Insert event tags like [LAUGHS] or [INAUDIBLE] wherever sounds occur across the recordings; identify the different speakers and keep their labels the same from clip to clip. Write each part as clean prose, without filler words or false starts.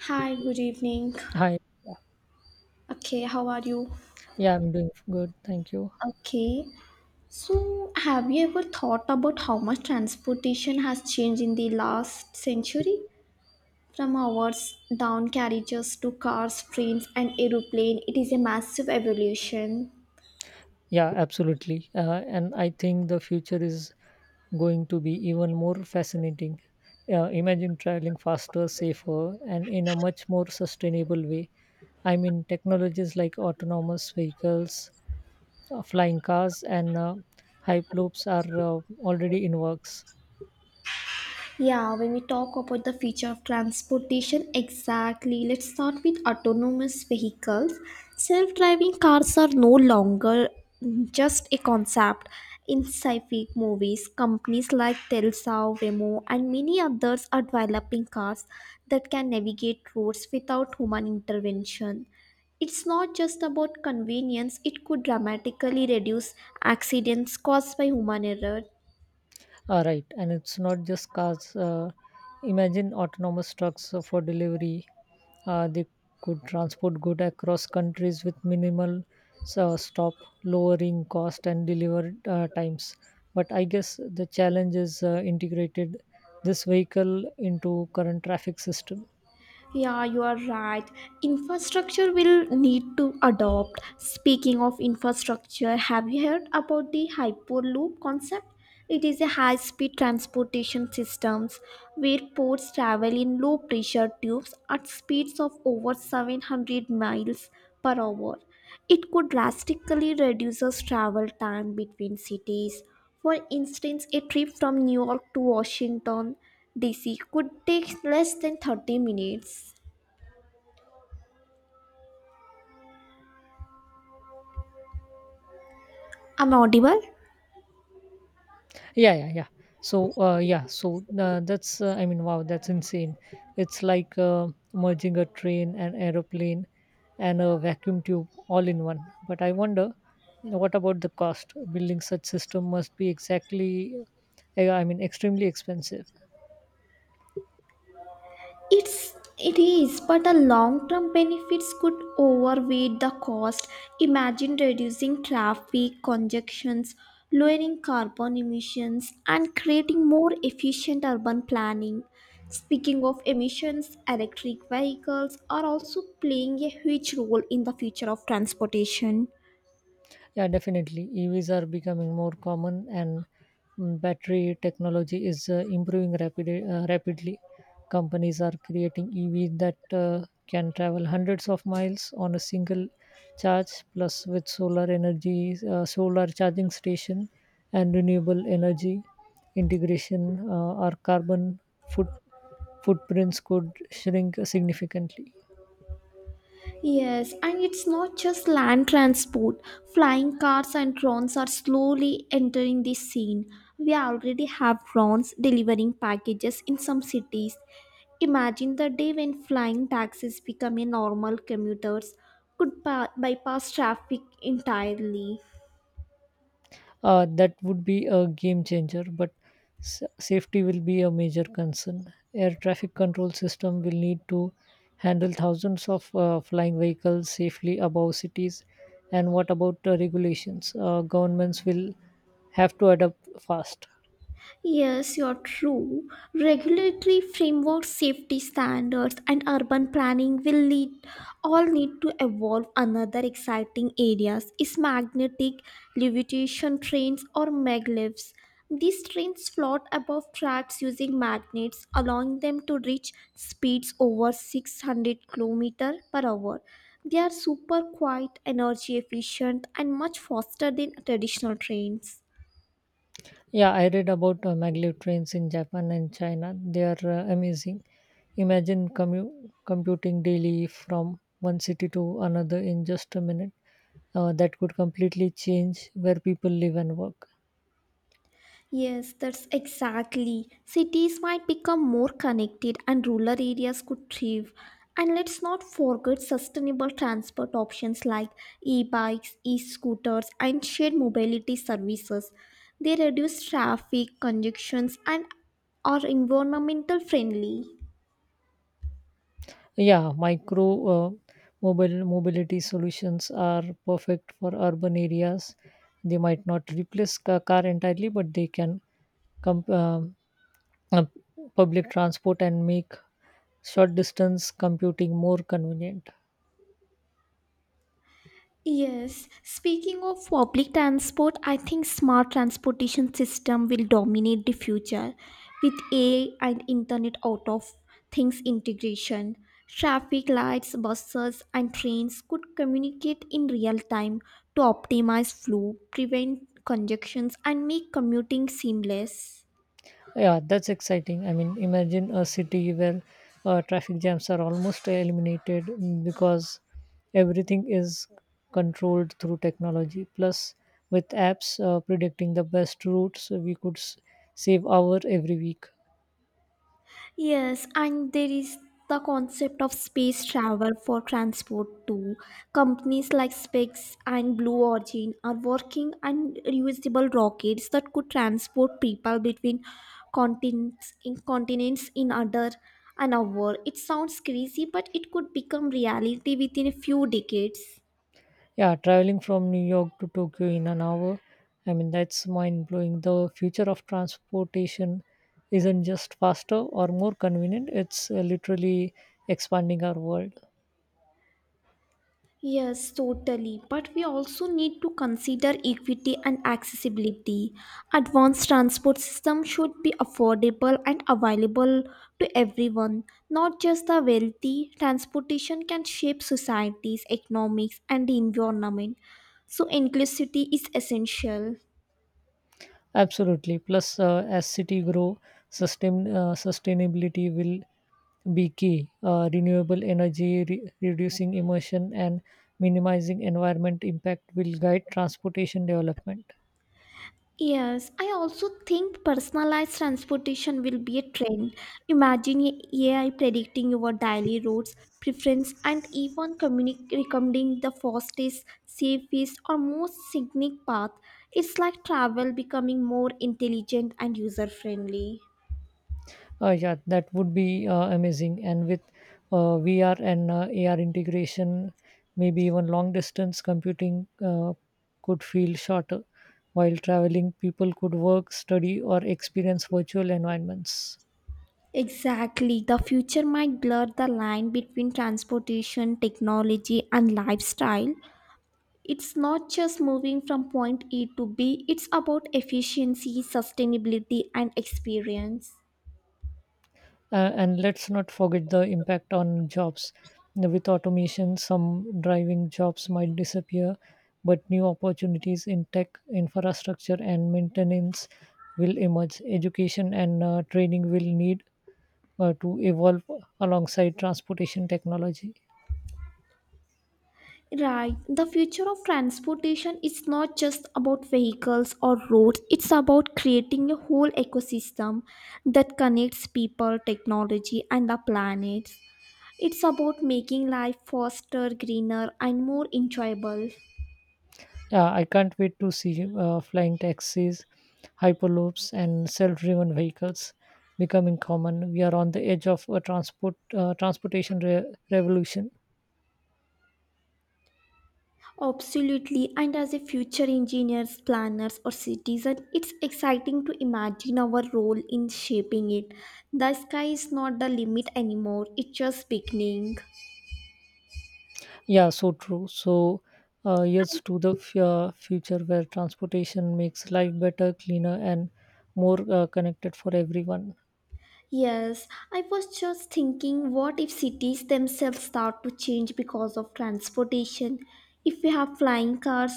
Speaker 1: Hi, good evening.
Speaker 2: Hi.
Speaker 1: Okay, how are you?
Speaker 2: Yeah, I'm doing good. Thank you.
Speaker 1: Okay, so have you ever thought about how much transportation has changed in the last century? From hours down carriages to cars, trains, and aeroplane, it is a massive evolution.
Speaker 2: Yeah, absolutely. And I think the future is going to be even more fascinating. Imagine traveling faster, safer, and in a much more sustainable way. I mean, technologies like autonomous vehicles, flying cars, and hyperloops are already in works.
Speaker 1: Yeah, when we talk about the future of transportation, exactly. Let's start with autonomous vehicles. Self driving cars are no longer just a concept in sci fi movies. Companies like Tesla, Waymo, and many others are developing cars that can navigate roads without human intervention. It's not just about convenience, it could dramatically reduce accidents caused by human error.
Speaker 2: All right, and it's not just cars. Imagine autonomous trucks for delivery. They could transport good across countries with minimal stop, lowering cost and delivery times. But I guess the challenge is integrated this vehicle into current traffic system.
Speaker 1: Yeah, you are right. Infrastructure will need to adopt. Speaking of infrastructure, have you heard about the Hyperloop concept? It is a high speed transportation systems where ports travel in low pressure tubes at speeds of over 700 miles per hour. It could drastically reduce travel time between cities. For instance, a trip from New York to Washington, D.C. could take less than 30 minutes. Am I audible?
Speaker 2: Yeah, yeah, yeah. So yeah so that's I mean, wow, that's insane. It's like merging a train, an aeroplane, and a vacuum tube all in one. But I wonder, what about the cost? Building such system must be exactly, I mean, extremely expensive.
Speaker 1: It is, but the long-term benefits could overweigh the cost. Imagine reducing traffic congestions, lowering carbon emissions, and creating more efficient urban planning. Speaking of emissions, electric vehicles are also playing a huge role in the future of transportation.
Speaker 2: Yeah, definitely. EVs are becoming more common, and battery technology is improving rapidly. Companies are creating EVs that can travel hundreds of miles on a single charge, plus with solar energy, solar charging station, and renewable energy integration, our carbon footprints could shrink significantly.
Speaker 1: Yes, and it's not just land transport. Flying cars and drones are slowly entering the scene. We already have drones delivering packages in some cities. Imagine the day when flying taxis become a normal, commuters could bypass traffic entirely.
Speaker 2: That would be a game changer, but safety will be a major concern. Air traffic control system will need to handle thousands of flying vehicles safely above cities. And what about regulations? Governments will have to adapt fast.
Speaker 1: Yes, you're true. Regulatory framework, safety standards, and urban planning will lead all need to evolve. Another exciting areas is magnetic levitation trains, or maglevs. These trains float above tracks using magnets, allowing them to reach speeds over 600 km per hour. They are super quiet, energy efficient, and much faster than traditional trains.
Speaker 2: Yeah, I read about maglev trains in Japan and China. They are amazing. Imagine computing daily from one city to another in just a minute. That could completely change where people live and work.
Speaker 1: Yes, that's exactly. Cities might become more connected and rural areas could thrive. And let's not forget sustainable transport options like e bikes, e scooters, and shared mobility services. They reduce traffic, congestions, and are environmental friendly.
Speaker 2: Yeah, micro mobile mobility solutions are perfect for urban areas. They might not replace car entirely, but they can com- um, uh, public transport and make short distance computing more convenient.
Speaker 1: Yes, speaking of public transport, I think smart transportation system will dominate the future with AI and internet out of things integration. Traffic lights, buses and trains could communicate in real time to optimize flow, prevent congestions and make commuting seamless.
Speaker 2: Yeah, that's exciting. I mean, imagine a city where traffic jams are almost eliminated, because everything is controlled through technology. Plus, with apps predicting the best routes, we could save hour every week.
Speaker 1: Yes, and there is the concept of space travel for transport too. Companies like Specs and Blue Origin are working on reusable rockets that could transport people between continents in continents in under an hour. It sounds crazy, but it could become reality within a few decades.
Speaker 2: Yeah, traveling from New York to Tokyo in an hour. I mean, that's mind blowing. The future of transportation isn't just faster or more convenient, it's literally expanding our world.
Speaker 1: Yes, totally. But we also need to consider equity and accessibility. Advanced transport system should be affordable and available to everyone, not just the wealthy. Transportation can shape societies, economics, and the environment. So inclusivity is essential.
Speaker 2: Absolutely. Plus, as city grow, sustainability will be key. Renewable energy, reducing emission, and minimizing environment impact will guide transportation development.
Speaker 1: Yes, I also think personalized transportation will be a trend. Imagine a AI predicting your daily routes, preference, and even recommending the fastest, safest, or most scenic path. It's like travel becoming more intelligent and user friendly.
Speaker 2: Yeah, that would be amazing. And with VR and AR integration, maybe even long distance computing could feel shorter. While traveling, people could work, study, or experience virtual environments.
Speaker 1: Exactly. The future might blur the line between transportation, technology, and lifestyle. It's not just moving from point A to B, it's about efficiency, sustainability, and experience.
Speaker 2: And let's not forget the impact on jobs. With automation, some driving jobs might disappear, but new opportunities in tech, infrastructure, and maintenance will emerge. Education and training will need to evolve alongside transportation technology.
Speaker 1: Right, the future of transportation is not just about vehicles or roads, it's about creating a whole ecosystem that connects people, technology, and the planet. It's about making life faster, greener, and more enjoyable.
Speaker 2: Yeah, I can't wait to see flying taxis, hyperloops, and self-driven vehicles becoming common. We are on the edge of a transportation revolution.
Speaker 1: Absolutely, and as a future engineers, planners, or citizen, it's exciting to imagine our role in shaping it. The sky is not the limit anymore, it's just beginning.
Speaker 2: Yeah, so true. Yes, to the future where transportation makes life better, cleaner, and more connected for everyone.
Speaker 1: Yes, I was just thinking, what if cities themselves start to change because of transportation? If we have flying cars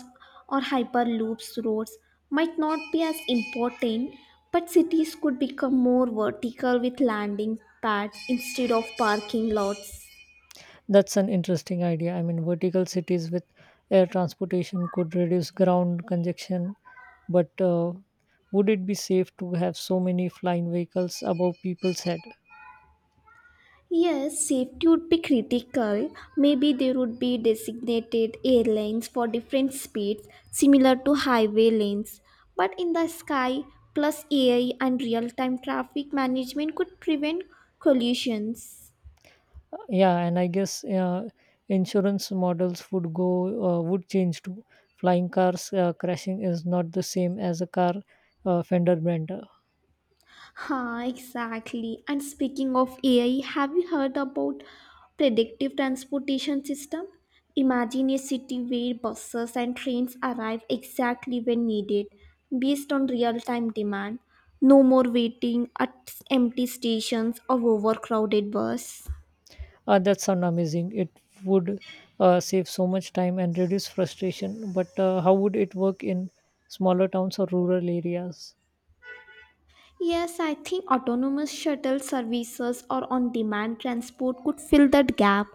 Speaker 1: or hyperloops, roads might not be as important, but cities could become more vertical with landing pads instead of parking lots.
Speaker 2: That's an interesting idea. I mean, vertical cities with air transportation could reduce ground congestion, but would it be safe to have so many flying vehicles above people's head?
Speaker 1: Yes, safety would be critical. Maybe there would be designated airlines for different speeds, similar to highway lanes. But in the sky, plus AI and real time traffic management could prevent collisions.
Speaker 2: Yeah, and I guess insurance models would change too. Flying cars crashing is not the same as a car fender bender.
Speaker 1: Ha, exactly. And speaking of AI, have you heard about predictive transportation system? Imagine a city where buses and trains arrive exactly when needed based on real-time demand. No more waiting at empty stations or overcrowded bus.
Speaker 2: That sound amazing. It would save so much time and reduce frustration, but how would it work in smaller towns or rural areas?
Speaker 1: Yes, I think autonomous shuttle services or on demand transport could fill that gap.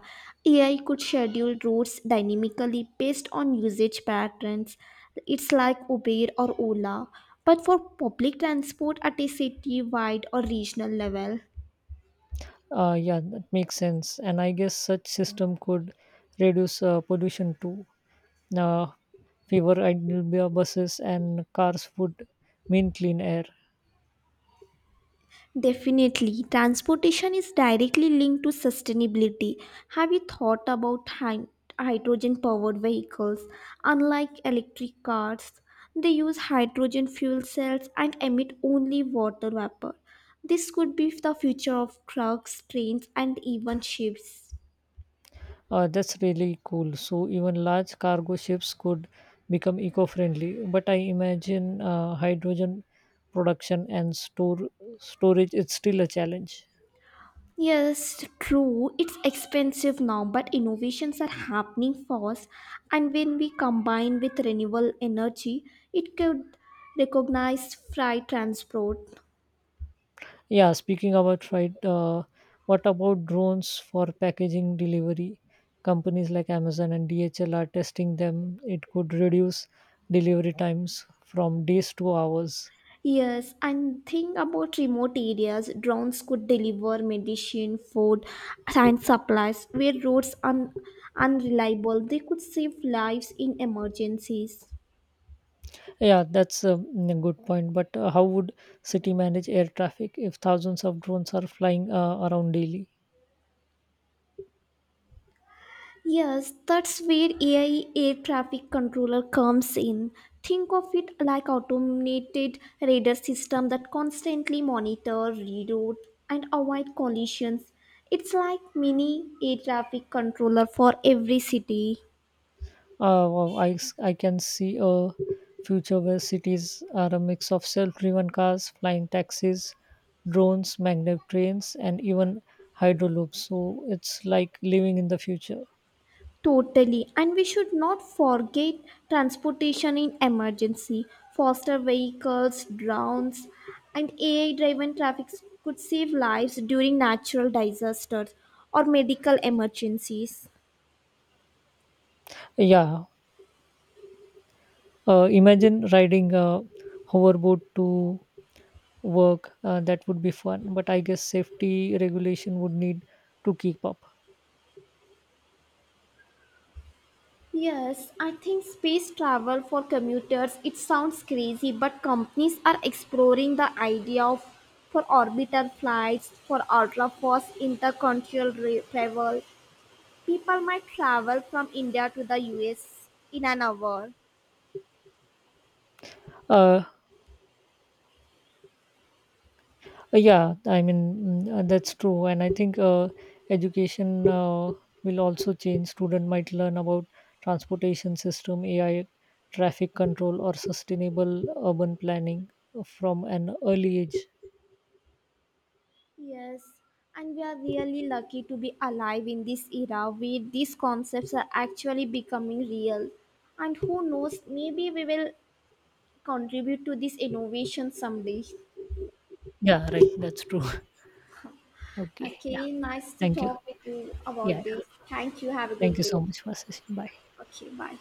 Speaker 1: AI could schedule routes dynamically based on usage patterns. It's like Uber or Ola, but for public transport at a city wide or regional level.
Speaker 2: Yeah, that makes sense. And I guess such system could reduce pollution too. uh, Fewer idle buses and cars would mean clean air.
Speaker 1: Definitely, transportation is directly linked to sustainability. Have you thought about hydrogen powered vehicles? Unlike electric cars, they use hydrogen fuel cells and emit only water vapor. This could be the future of trucks, trains, and even ships.
Speaker 2: That's really cool. So even large cargo ships could become eco-friendly. But I imagine hydrogen production and store storage is still a challenge.
Speaker 1: Yes, true. It's expensive now, but innovations are happening fast. And when we combine with renewable energy, it could recognize freight transport.
Speaker 2: Yeah, speaking about right, what about drones for packaging delivery? Companies like Amazon and DHL are testing them. It could reduce delivery times from days to hours.
Speaker 1: Yes, and think about remote areas. Drones could deliver medicine, food, and supplies where roads are unreliable. They could save lives in emergencies.
Speaker 2: Yeah, that's a, a good point. But how would city manage air traffic if thousands of drones are flying around daily?
Speaker 1: Yes, that's where AI air traffic controller comes in. Think of it like automated radar system that constantly monitor, reroute, and avoid collisions. It's like mini air traffic controller for every city.
Speaker 2: Wow, I can see a future where cities are a mix of self-driven cars, flying taxis, drones, magnet trains, and even hydroloops. So it's like living in the future.
Speaker 1: Totally, and we should not forget transportation in emergency. Faster vehicles, drones, and AI driven traffic could save lives during natural disasters or medical emergencies.
Speaker 2: Yeah, imagine riding a hoverboard to work. That would be fun. But I guess safety regulation would need to keep up.
Speaker 1: Yes, I think space travel for commuters, it sounds crazy, but companies are exploring the idea of for orbital flights, for ultra fast intercontinental travel. People might travel from India to the US in an hour.
Speaker 2: Uh, yeah, I mean, that's true. And I think education will also change. Student might learn about transportation system, AI, traffic control, or sustainable urban planning from an early age.
Speaker 1: Yes, and we are really lucky to be alive in this era where these concepts are actually becoming real. And who knows, maybe we will contribute to this innovation someday.
Speaker 2: Yeah, right. That's true. [LAUGHS] Okay. Yeah.
Speaker 1: Okay, nice to
Speaker 2: Thank you.
Speaker 1: talk with you
Speaker 2: Yeah, yeah.
Speaker 1: about this. Thank you. Have a
Speaker 2: Thank
Speaker 1: good
Speaker 2: you
Speaker 1: day.
Speaker 2: so much for session. Bye.
Speaker 1: Okay, bye.